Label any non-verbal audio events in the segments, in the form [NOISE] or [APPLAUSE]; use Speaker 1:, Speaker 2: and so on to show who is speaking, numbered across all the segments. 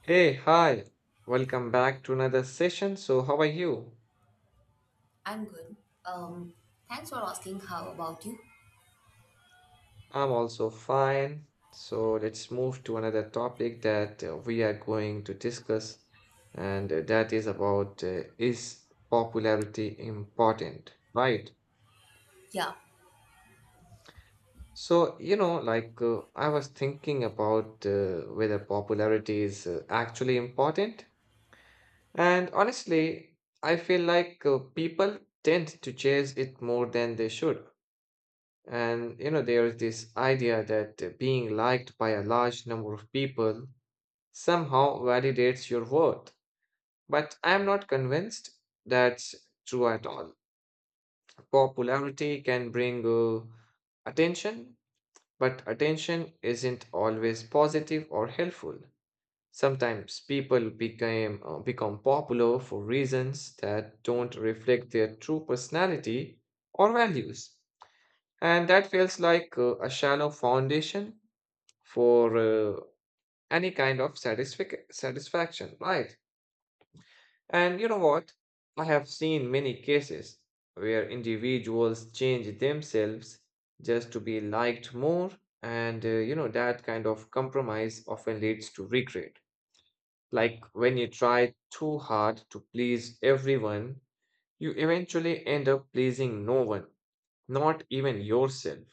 Speaker 1: Hey, hi. Welcome back to another session. So, how are you?
Speaker 2: I'm good. Um, Thanks for asking. How about you?
Speaker 1: I'm also fine. So, let's move to another topic that we are going to discuss, and that is about is popularity important, right?
Speaker 2: Yeah,
Speaker 1: So, you know, I was thinking about whether popularity is actually important, and honestly, I feel like people tend to chase it more than they should. And you know, there is this idea that being liked by a large number of people somehow validates your worth. But I'm not convinced that's true at all. Popularity can bring attention, but attention isn't always positive or helpful. Sometimes people become popular for reasons that don't reflect their true personality or values, and that feels like a shallow foundation for any kind of satisfaction, right? And you know what? I have seen many cases where individuals change themselves just to be liked more, and you know, that kind of compromise often leads to regret. Like when you try too hard to please everyone, you eventually end up pleasing no one, not even yourself.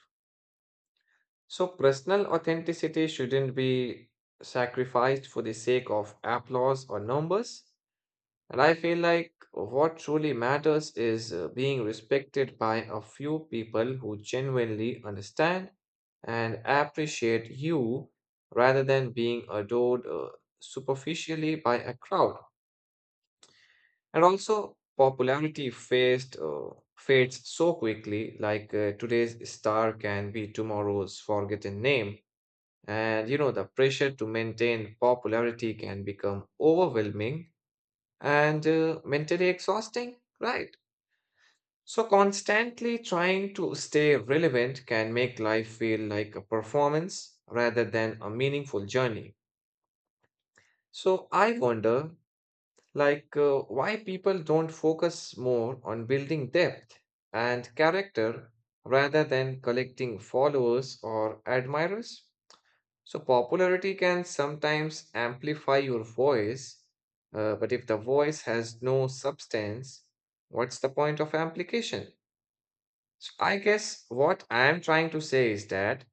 Speaker 1: So, personal authenticity shouldn't be sacrificed for the sake of applause or numbers. And I feel like what truly matters is being respected by a few people who genuinely understand and appreciate you rather than being adored superficially by a crowd. And also, popularity fades so quickly, like today's star can be tomorrow's forgotten name. And you know, the pressure to maintain popularity can become overwhelming and mentally exhausting, right? So, constantly trying to stay relevant can make life feel like a performance rather than a meaningful journey. So, I wonder, why people don't focus more on building depth and character rather than collecting followers or admirers? So, popularity can sometimes amplify your voice, but if the voice has no substance, what's the point of amplification? So, I guess what I am trying to say is that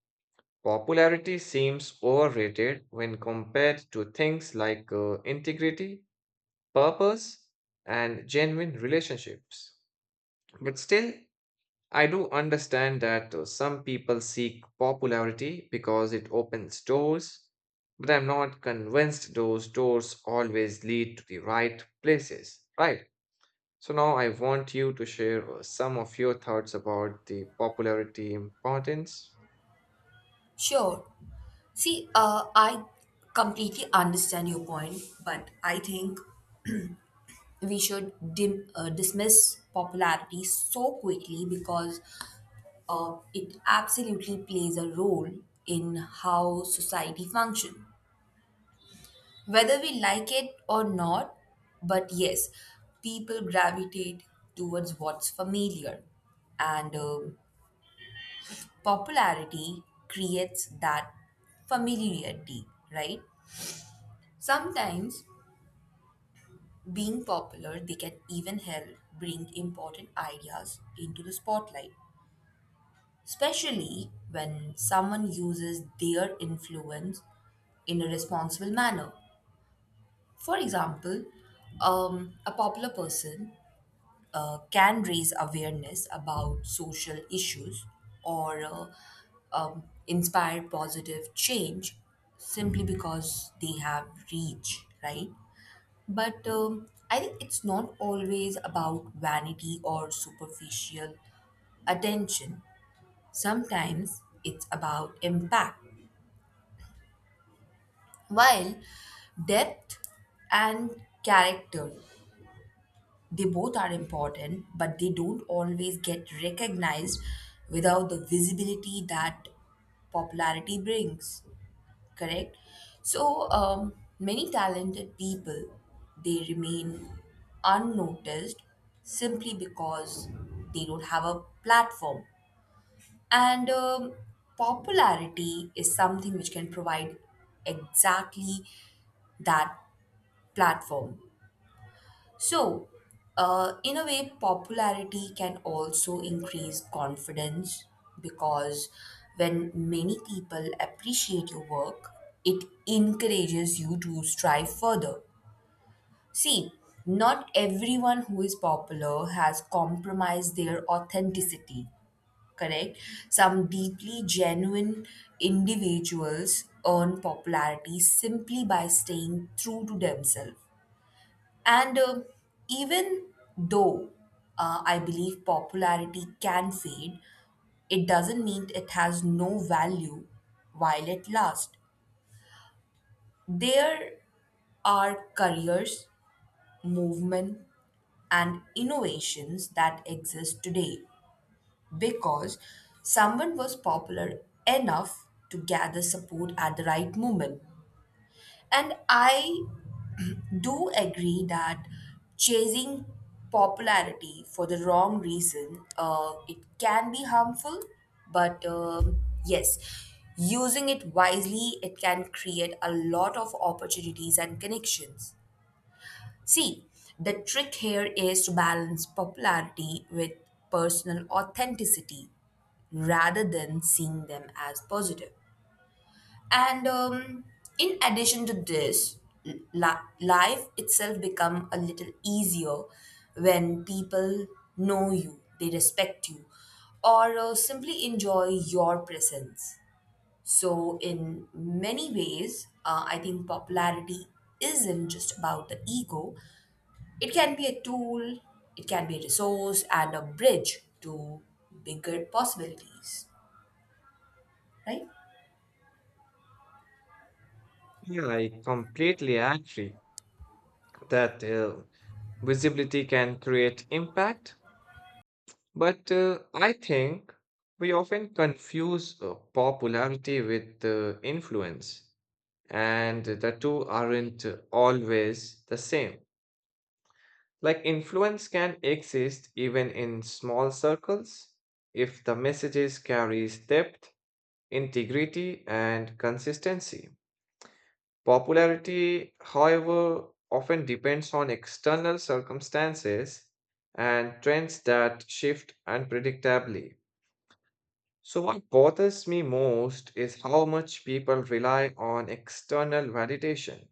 Speaker 1: popularity seems overrated when compared to things like integrity, purpose, and genuine relationships. But still, I do understand that some people seek popularity because it opens doors, but I'm not convinced those doors always lead to the right places, right? So now I want you to share some of your thoughts about the popularity importance.
Speaker 2: sure. See, I completely understand your point, but I think [CLEARS THROAT] we should dismiss popularity so quickly because it absolutely plays a role in how society functions. Whether we like it or not, but yes, people gravitate towards what's familiar. And popularity creates that familiarity, right? Sometimes being popular, they can even help bring important ideas into the spotlight, especially when someone uses their influence in a responsible manner. For example, a popular person can raise awareness about social issues or inspire positive change simply because they have reach, right? But I think it's not always about vanity or superficial attention. Sometimes it's about impact, while depth and character. They both are important, but they don't always get recognized without the visibility that popularity brings. Correct? So, many talented people they remain unnoticed simply because they don't have a platform. And popularity is something which can provide exactly that platform. So, in a way, popularity can also increase confidence because when many people appreciate your work, it encourages you to strive further. See, not everyone who is popular has compromised their authenticity, correct? Some deeply genuine individuals earn popularity simply by staying true to themselves, and even though I believe popularity can fade, it doesn't mean it has no value while it lasts. There are careers, movement, and innovations that exist today because someone was popular enough to gather support at the right moment. And I do agree that chasing popularity for the wrong reason it can be harmful, but yes, using it wisely, it can create a lot of opportunities and connections. See, the trick here is to balance popularity with personal authenticity rather than seeing them as positive. And in addition to this, life itself become a little easier when people know you, they respect you, or simply enjoy your presence. So, in many ways, I think popularity isn't just about the ego. It can be a tool, it can be a resource, and a bridge to bigger possibilities, right?
Speaker 1: Yeah, I completely agree that visibility can create impact, but I think we often confuse popularity with influence. And the two aren't always the same. Like influence can exist even in small circles if the messages carries depth, integrity and consistency. Popularity, however, often depends on external circumstances and trends that shift unpredictably. So what bothers me most is how much people rely on external validation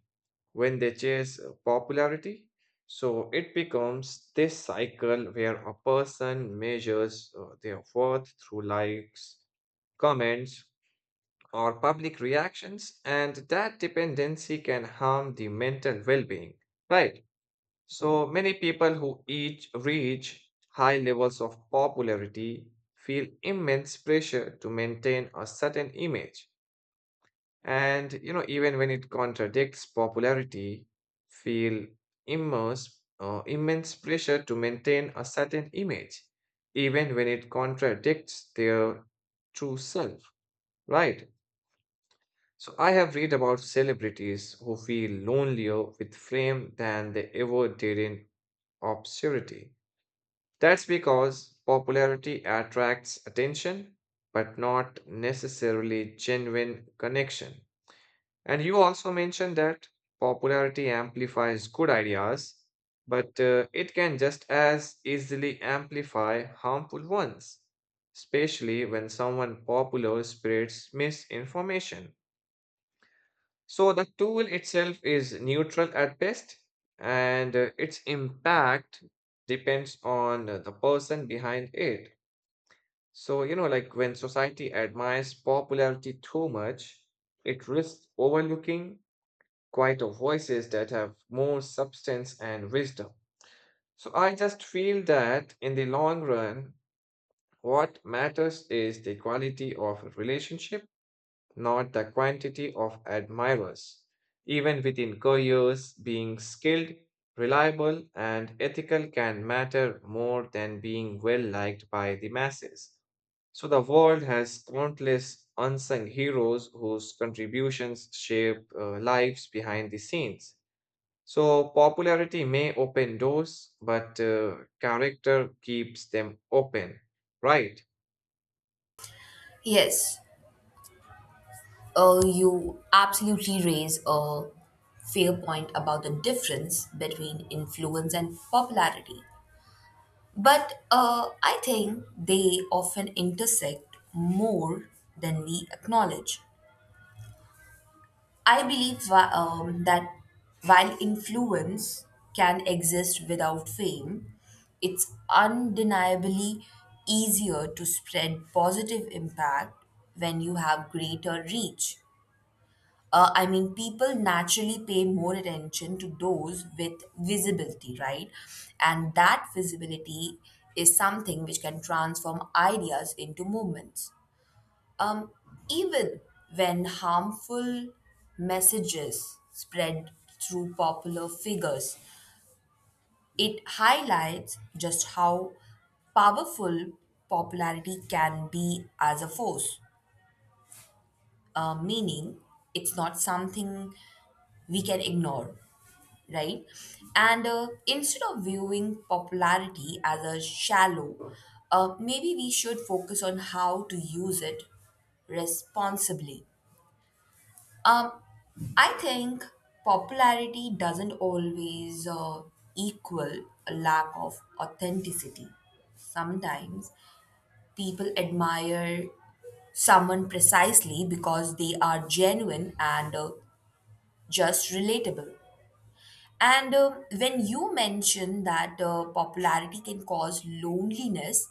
Speaker 1: when they chase popularity. So it becomes this cycle where a person measures their worth through likes, comments, or public reactions, and that dependency can harm the mental well being. Right. So many people who each reach high levels of popularity feel immense pressure to maintain a certain image and you know, even when it contradicts popularity, feel immense pressure to maintain a certain image, even when it contradicts their true self, right? So I have read about celebrities who feel lonelier with fame than they ever did in obscurity. That's because popularity attracts attention, but not necessarily genuine connection. And you also mentioned that popularity amplifies good ideas, but it can just as easily amplify harmful ones, especially when someone popular spreads misinformation. So the tool itself is neutral at best, and its impact depends on the person behind it. So, you know, like when society admires popularity too much, it risks overlooking quieter voices that have more substance and wisdom. So I just feel that in the long run, what matters is the quality of a relationship, not the quantity of admirers. Even within careers, being skilled, reliable, and ethical can matter more than being well liked by the masses. So the world has countless unsung heroes whose contributions shape lives behind the scenes. So popularity may open doors, but character keeps them open, right?
Speaker 2: Yes. You absolutely raise a fair point about the difference between influence and popularity. But I think they often intersect more than we acknowledge. I believe that while influence can exist without fame, it's undeniably easier to spread positive impact when you have greater reach. I mean, people naturally pay more attention to those with visibility, right? And that visibility is something which can transform ideas into movements. Um, Even when harmful messages spread through popular figures, it highlights just how powerful popularity can be as a force, meaning it's not something we can ignore, right? And instead of viewing popularity as a shallow, maybe we should focus on how to use it responsibly. Um, I think popularity doesn't always equal a lack of authenticity. Sometimes people admire someone precisely because they are genuine and just relatable. And when you mention that popularity can cause loneliness,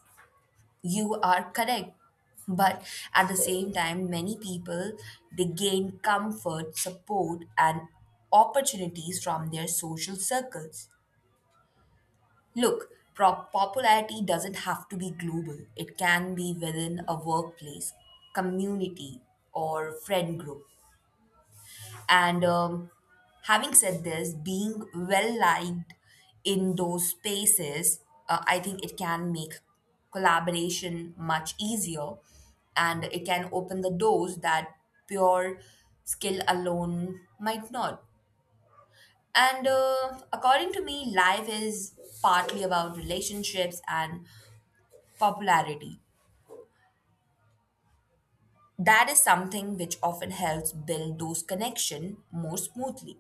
Speaker 2: you are correct. But at the same time, many people they gain comfort, support, and opportunities from their social circles. Look, popularity doesn't have to be global. It can be within a workplace, community, or friend group. And having said this, being well liked in those spaces, I think it can make collaboration much easier, and it can open the doors that pure skill alone might not. And according to me, life is partly about relationships and popularity. That is something which often helps build those connections more smoothly.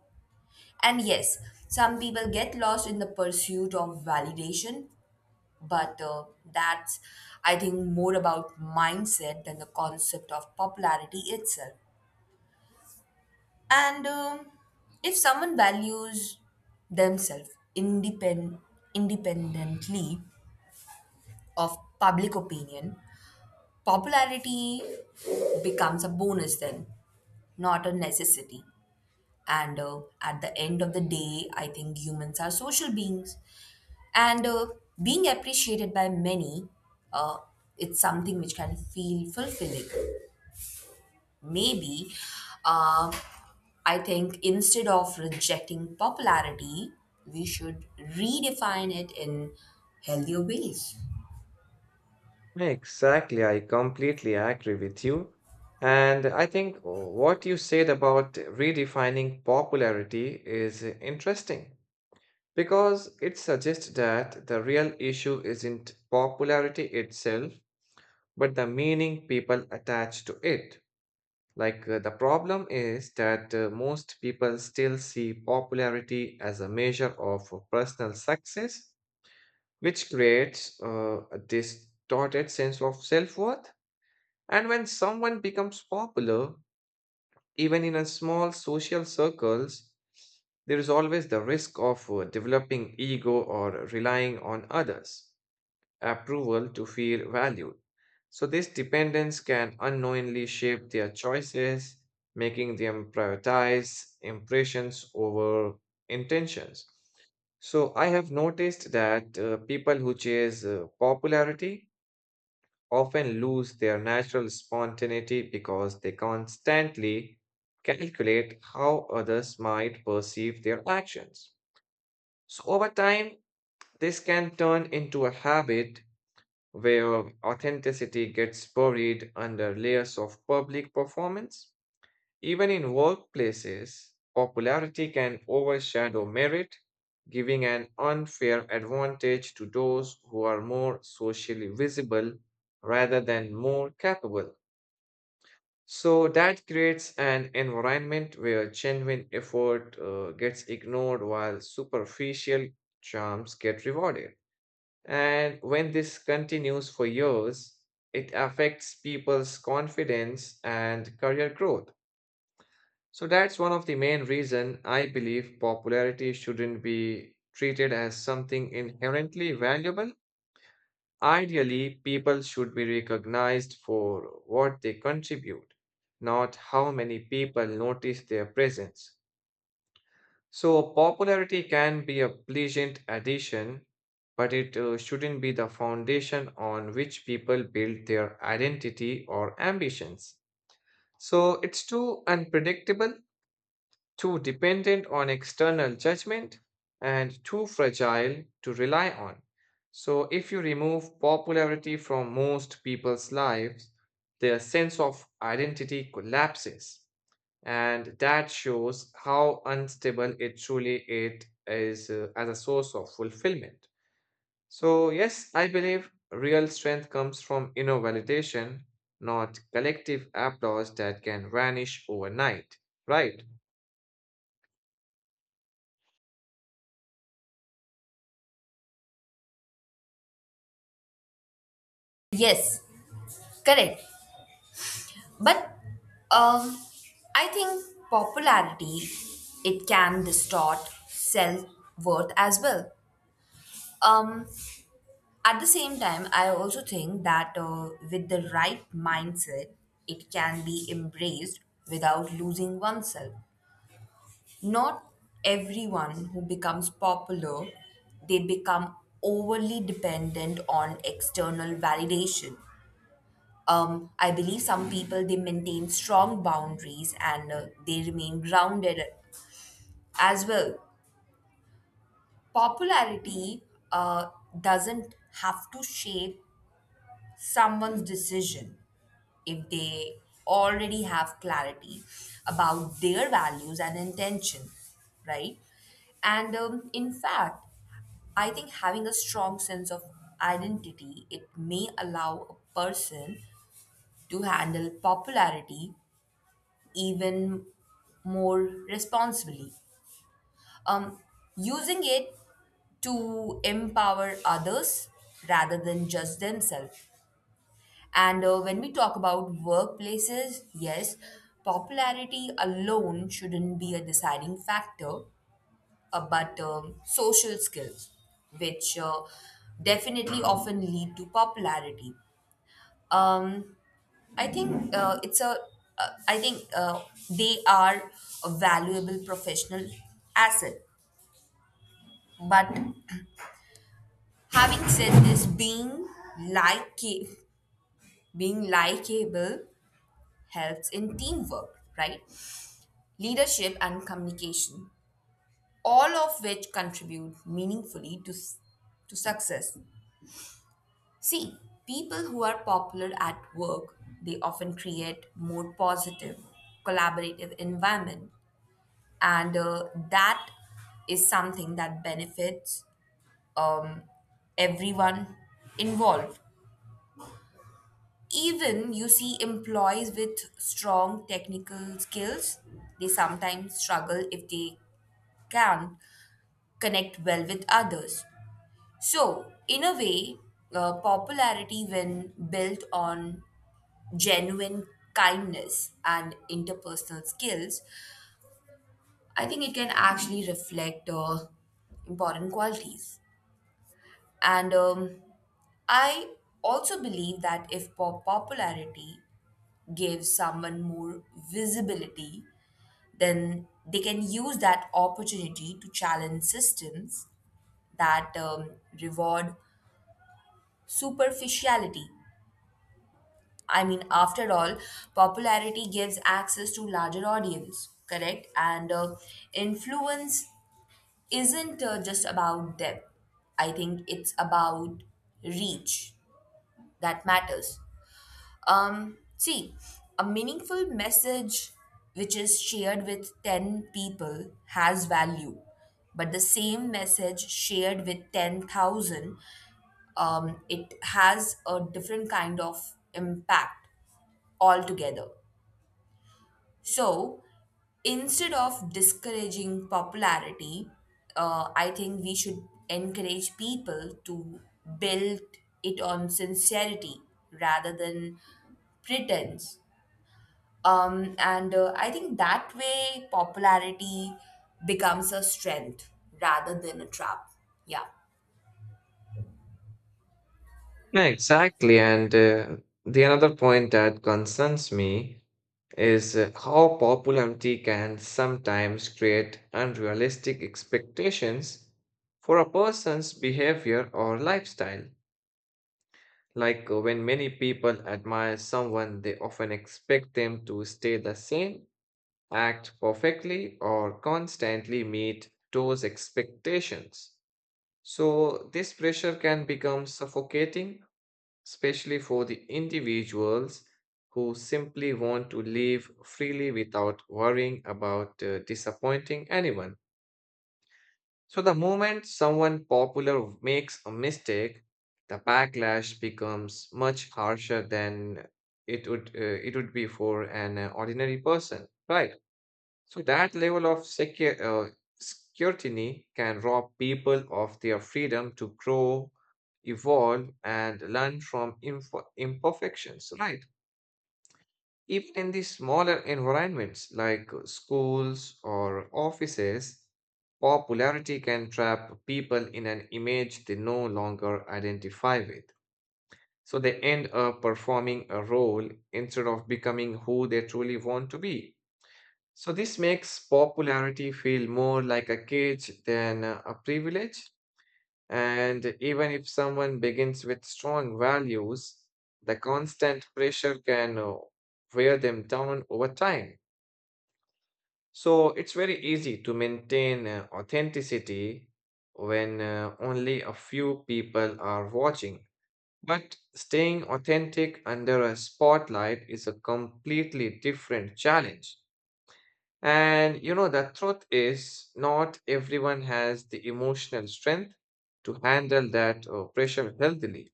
Speaker 2: And yes, some people get lost in the pursuit of validation, but that's, I think, more about mindset than the concept of popularity itself. And if someone values themselves independ- independently of public opinion, popularity becomes a bonus then, not a necessity. And at the end of the day, I think humans are social beings, and being appreciated by many, uh, it's something which can feel fulfilling. Maybe uh, I think instead of rejecting popularity, we should redefine it in healthier ways.
Speaker 1: Exactly, I completely agree with you. And I think what you said about redefining popularity is interesting because it suggests that the real issue isn't popularity itself, but the meaning people attach to it. The problem is that most people still see popularity as a measure of personal success, which creates a distorted sense of self worth. And when someone becomes popular, even in a small social circles, there is always the risk of developing ego or relying on others approval to feel valued. So, this dependence can unknowingly shape their choices, making them prioritize impressions over intentions. So, I have noticed that people who chase popularity often lose their natural spontaneity because they constantly calculate how others might perceive their actions. So, over time, this can turn into a habit where authenticity gets buried under layers of public performance. Even in workplaces, popularity can overshadow merit, giving an unfair advantage to those who are more socially visible rather than more capable. So that creates an environment where genuine effort gets ignored while superficial charms get rewarded. And when this continues for years, it affects people's confidence and career growth. So that's one of the main reason I believe popularity shouldn't be treated as something inherently valuable. Ideally, people should be recognized for what they contribute, not how many people notice their presence. So, popularity can be a pleasant addition, but it shouldn't be the foundation on which people build their identity or ambitions. So, it's too unpredictable, too dependent on external judgment, and too fragile to rely on. So, if you remove popularity from most people's lives, their sense of identity collapses and that shows how unstable it truly it is as a source of fulfillment. So yes, I believe real strength comes from inner validation, not collective applause that can vanish overnight, right?
Speaker 2: Yes, correct. But um, I think popularity, it can distort self-worth as well. um, At the same time, I also think that with the right mindset, it can be embraced without losing oneself. Not everyone who becomes popular, they become overly dependent on external validation. I believe some people they maintain strong boundaries, and they remain grounded as well. Popularity uh, doesn't have to shape someone's decision if they already have clarity about their values and intention, right? And in fact, I think having a strong sense of identity, it may allow a person to handle popularity even more responsibly. Um, Using it to empower others rather than just themselves. And when we talk about workplaces, yes, popularity alone shouldn't be a deciding factor, but social skills, which definitely often lead to popularity. Um, I think it's a. I think they are a valuable professional asset. But having said this, like being likable helps in teamwork, right? Leadership, and communication, all of which contribute meaningfully to success. See, people who are popular at work, they often create more positive, collaborative environment. And that is something that benefits um, everyone involved. Even you see employees with strong technical skills, they sometimes struggle if they can't connect well with others. So, in a way, popularity, when built on genuine kindness and interpersonal skills, I think it can actually reflect important qualities. And I also believe that if popularity gives someone more visibility, then they can use that opportunity to challenge systems that reward superficiality. I mean, after all, popularity gives access to larger audience, correct? And influence isn't just about depth. I think it's about reach that matters. See, a meaningful message which is shared with 10 people has value, but the same message shared with 10,000, it has a different kind of impact altogether. So instead of discouraging popularity, I think we should encourage people to build it on sincerity rather than pretense. And I think that way popularity becomes a strength rather than a trap. Yeah.
Speaker 1: Yeah, exactly, and the another point that concerns me is how popularity can sometimes create unrealistic expectations for a person's behavior or lifestyle. Like when many people admire someone, they often expect them to stay the same, act perfectly, or constantly meet those expectations. So, this pressure can become suffocating, especially for the individuals who simply want to live freely without worrying about disappointing anyone. So the moment someone popular makes a mistake, the backlash becomes much harsher than it would be for an ordinary person, right? So that level of scrutiny can rob people of their freedom to grow, evolve, and learn from imperfections, right? Even in the smaller environments like schools or offices, popularity can trap people in an image they no longer identify with. So they end up performing a role instead of becoming who they truly want to be. So this makes popularity feel more like a cage than a privilege. And even if someone begins with strong values, the constant pressure can wear them down over time. So it's very easy to maintain authenticity when only a few people are watching. But staying authentic under a spotlight is a completely different challenge. And you know, the truth is, not everyone has the emotional strength to handle that pressure healthily.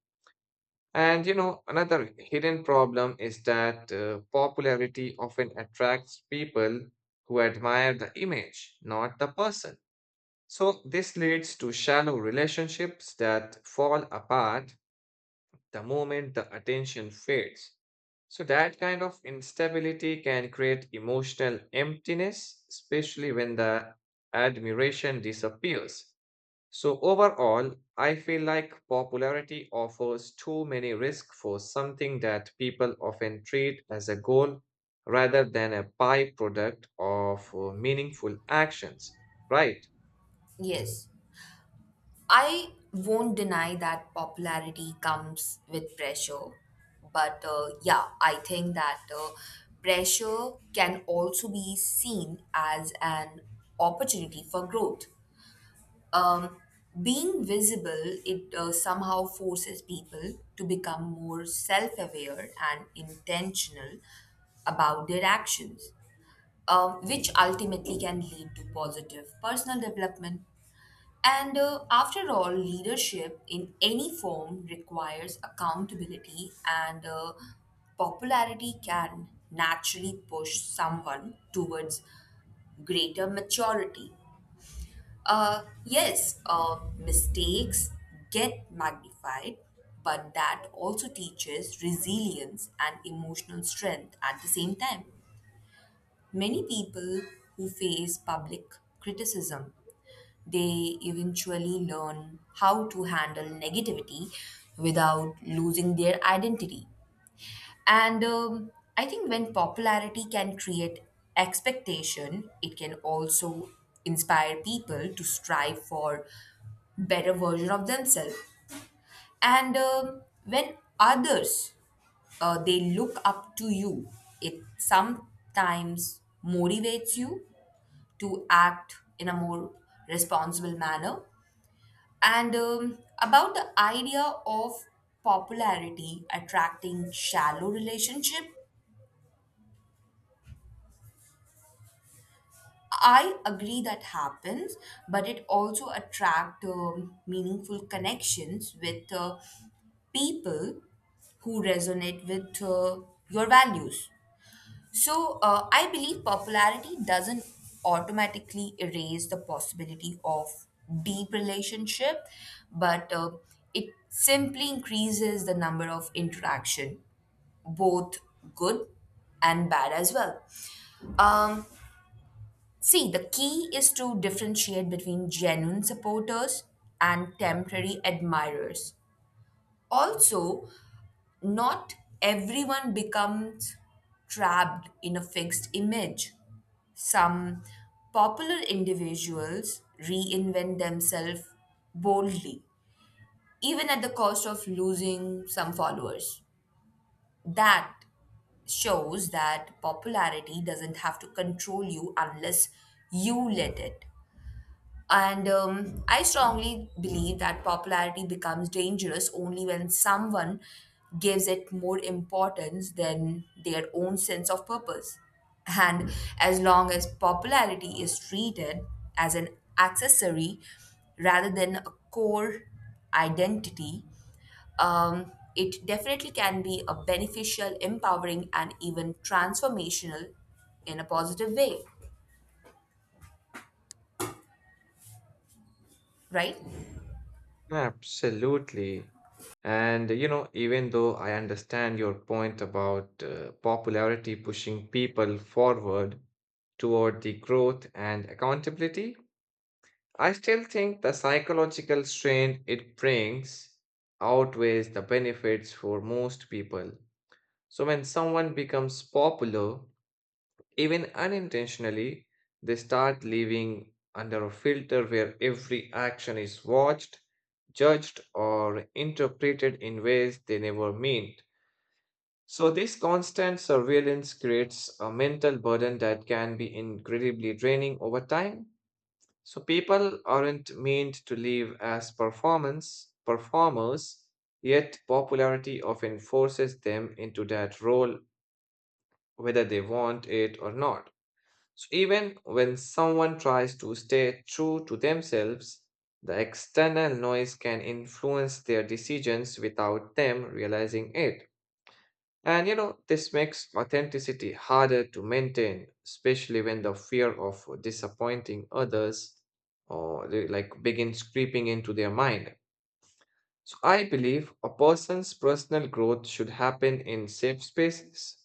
Speaker 1: And you know, another hidden problem is that popularity often attracts people who admire the image, not the person. So this leads to shallow relationships that fall apart the moment the attention fades. So that kind of instability can create emotional emptiness, especially when the admiration disappears. So overall, I feel like popularity offers too many risks for something that people often treat as a goal rather than a byproduct of meaningful actions, right?
Speaker 2: Yes. I won't deny that popularity comes with pressure, but yeah, I think that pressure can also be seen as an opportunity for growth. Um, Being visible, it somehow forces people to become more self aware and intentional about their actions, which ultimately can lead to positive personal development. And after all, leadership in any form requires accountability, and popularity can naturally push someone towards greater maturity. Yes, mistakes get magnified, but that also teaches resilience and emotional strength at the same time. Many people who face public criticism they eventually learn how to handle negativity without losing their identity. And I think when popularity can create expectation, it can also inspire people to strive for better version of themselves. And when others they look up to you, it sometimes motivates you to act in a more responsible manner. And about the idea of popularity attracting shallow relationship, I agree that happens, but it also attract meaningful connections with people who resonate with your values. So I believe popularity doesn't automatically erase the possibility of deep relationship, but it simply increases the number of interaction, both good and bad as well. Um, See, the key is to differentiate between genuine supporters and temporary admirers. Also, not everyone becomes trapped in a fixed image. Some popular individuals reinvent themselves boldly, even at the cost of losing some followers. That shows that popularity doesn't have to control you unless you let it. And I strongly believe that popularity becomes dangerous only when someone gives it more importance than their own sense of purpose. And as long as popularity is treated as an accessory rather than a core identity, it definitely can be a beneficial, empowering, and even transformational in a positive way, right?
Speaker 1: Absolutely. And you know, even though I understand your point about popularity pushing people forward toward the growth and accountability, I still think the psychological strain it brings outweighs the benefits for most people. So, when someone becomes popular, even unintentionally, they start living under a filter where every action is watched, judged, or interpreted in ways they never meant. So, this constant surveillance creates a mental burden that can be incredibly draining over time. So people aren't meant to live as performance performers, yet popularity often forces them into that role whether they want it or not. So even when someone tries to stay true to themselves, the external noise can influence their decisions without them realizing it. And you know, this makes authenticity harder to maintain, especially when the fear of disappointing others or like begins creeping into their mind. So I believe a person's personal growth should happen in safe spaces,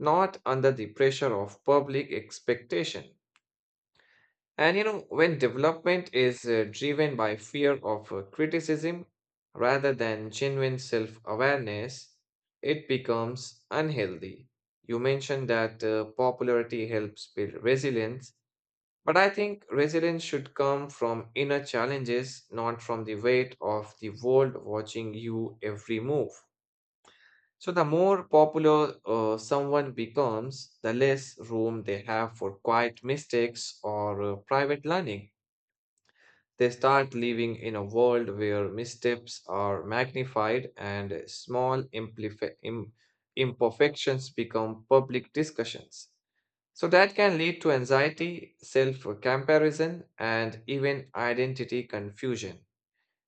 Speaker 1: not under the pressure of public expectation. And you know, when development is driven by fear of criticism rather than genuine self awareness, it becomes unhealthy. You mentioned that popularity helps build resilience, but I think resilience should come from inner challenges, not from the weight of the world watching you every move. So, the more popular someone becomes, the less room they have for quiet mistakes or private learning. They start living in a world where missteps are magnified and small imperfections become public discussions. So, that can lead to anxiety, self comparison, and even identity confusion.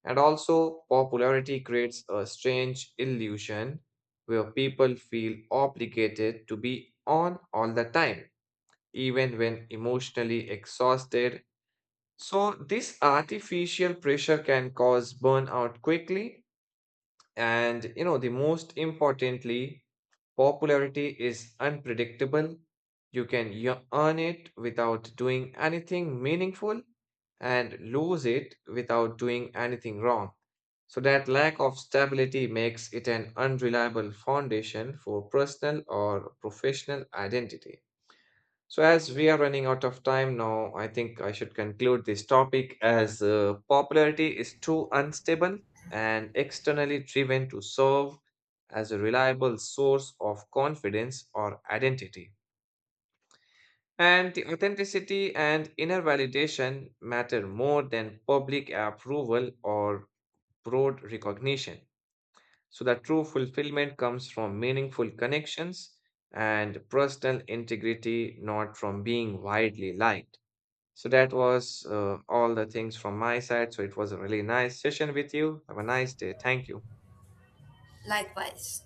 Speaker 1: And also, popularity creates a strange illusion where people feel obligated to be on all the time, even when emotionally exhausted. So this artificial pressure can cause burnout quickly. And you know, the most importantly, popularity is unpredictable. You can earn it without doing anything meaningful and lose it without doing anything wrong. So that lack of stability makes it an unreliable foundation for personal or professional identity. So, as we are running out of time now, I think I should conclude this topic as popularity is too unstable and externally driven to serve as a reliable source of confidence or identity. And the authenticity and inner validation matter more than public approval or broad recognition. So, the true fulfillment comes from meaningful connections and personal integrity, not from being widely liked. So that was all the things from my side. So it was a really nice session with you. Have a nice day. Thank you.
Speaker 2: Likewise.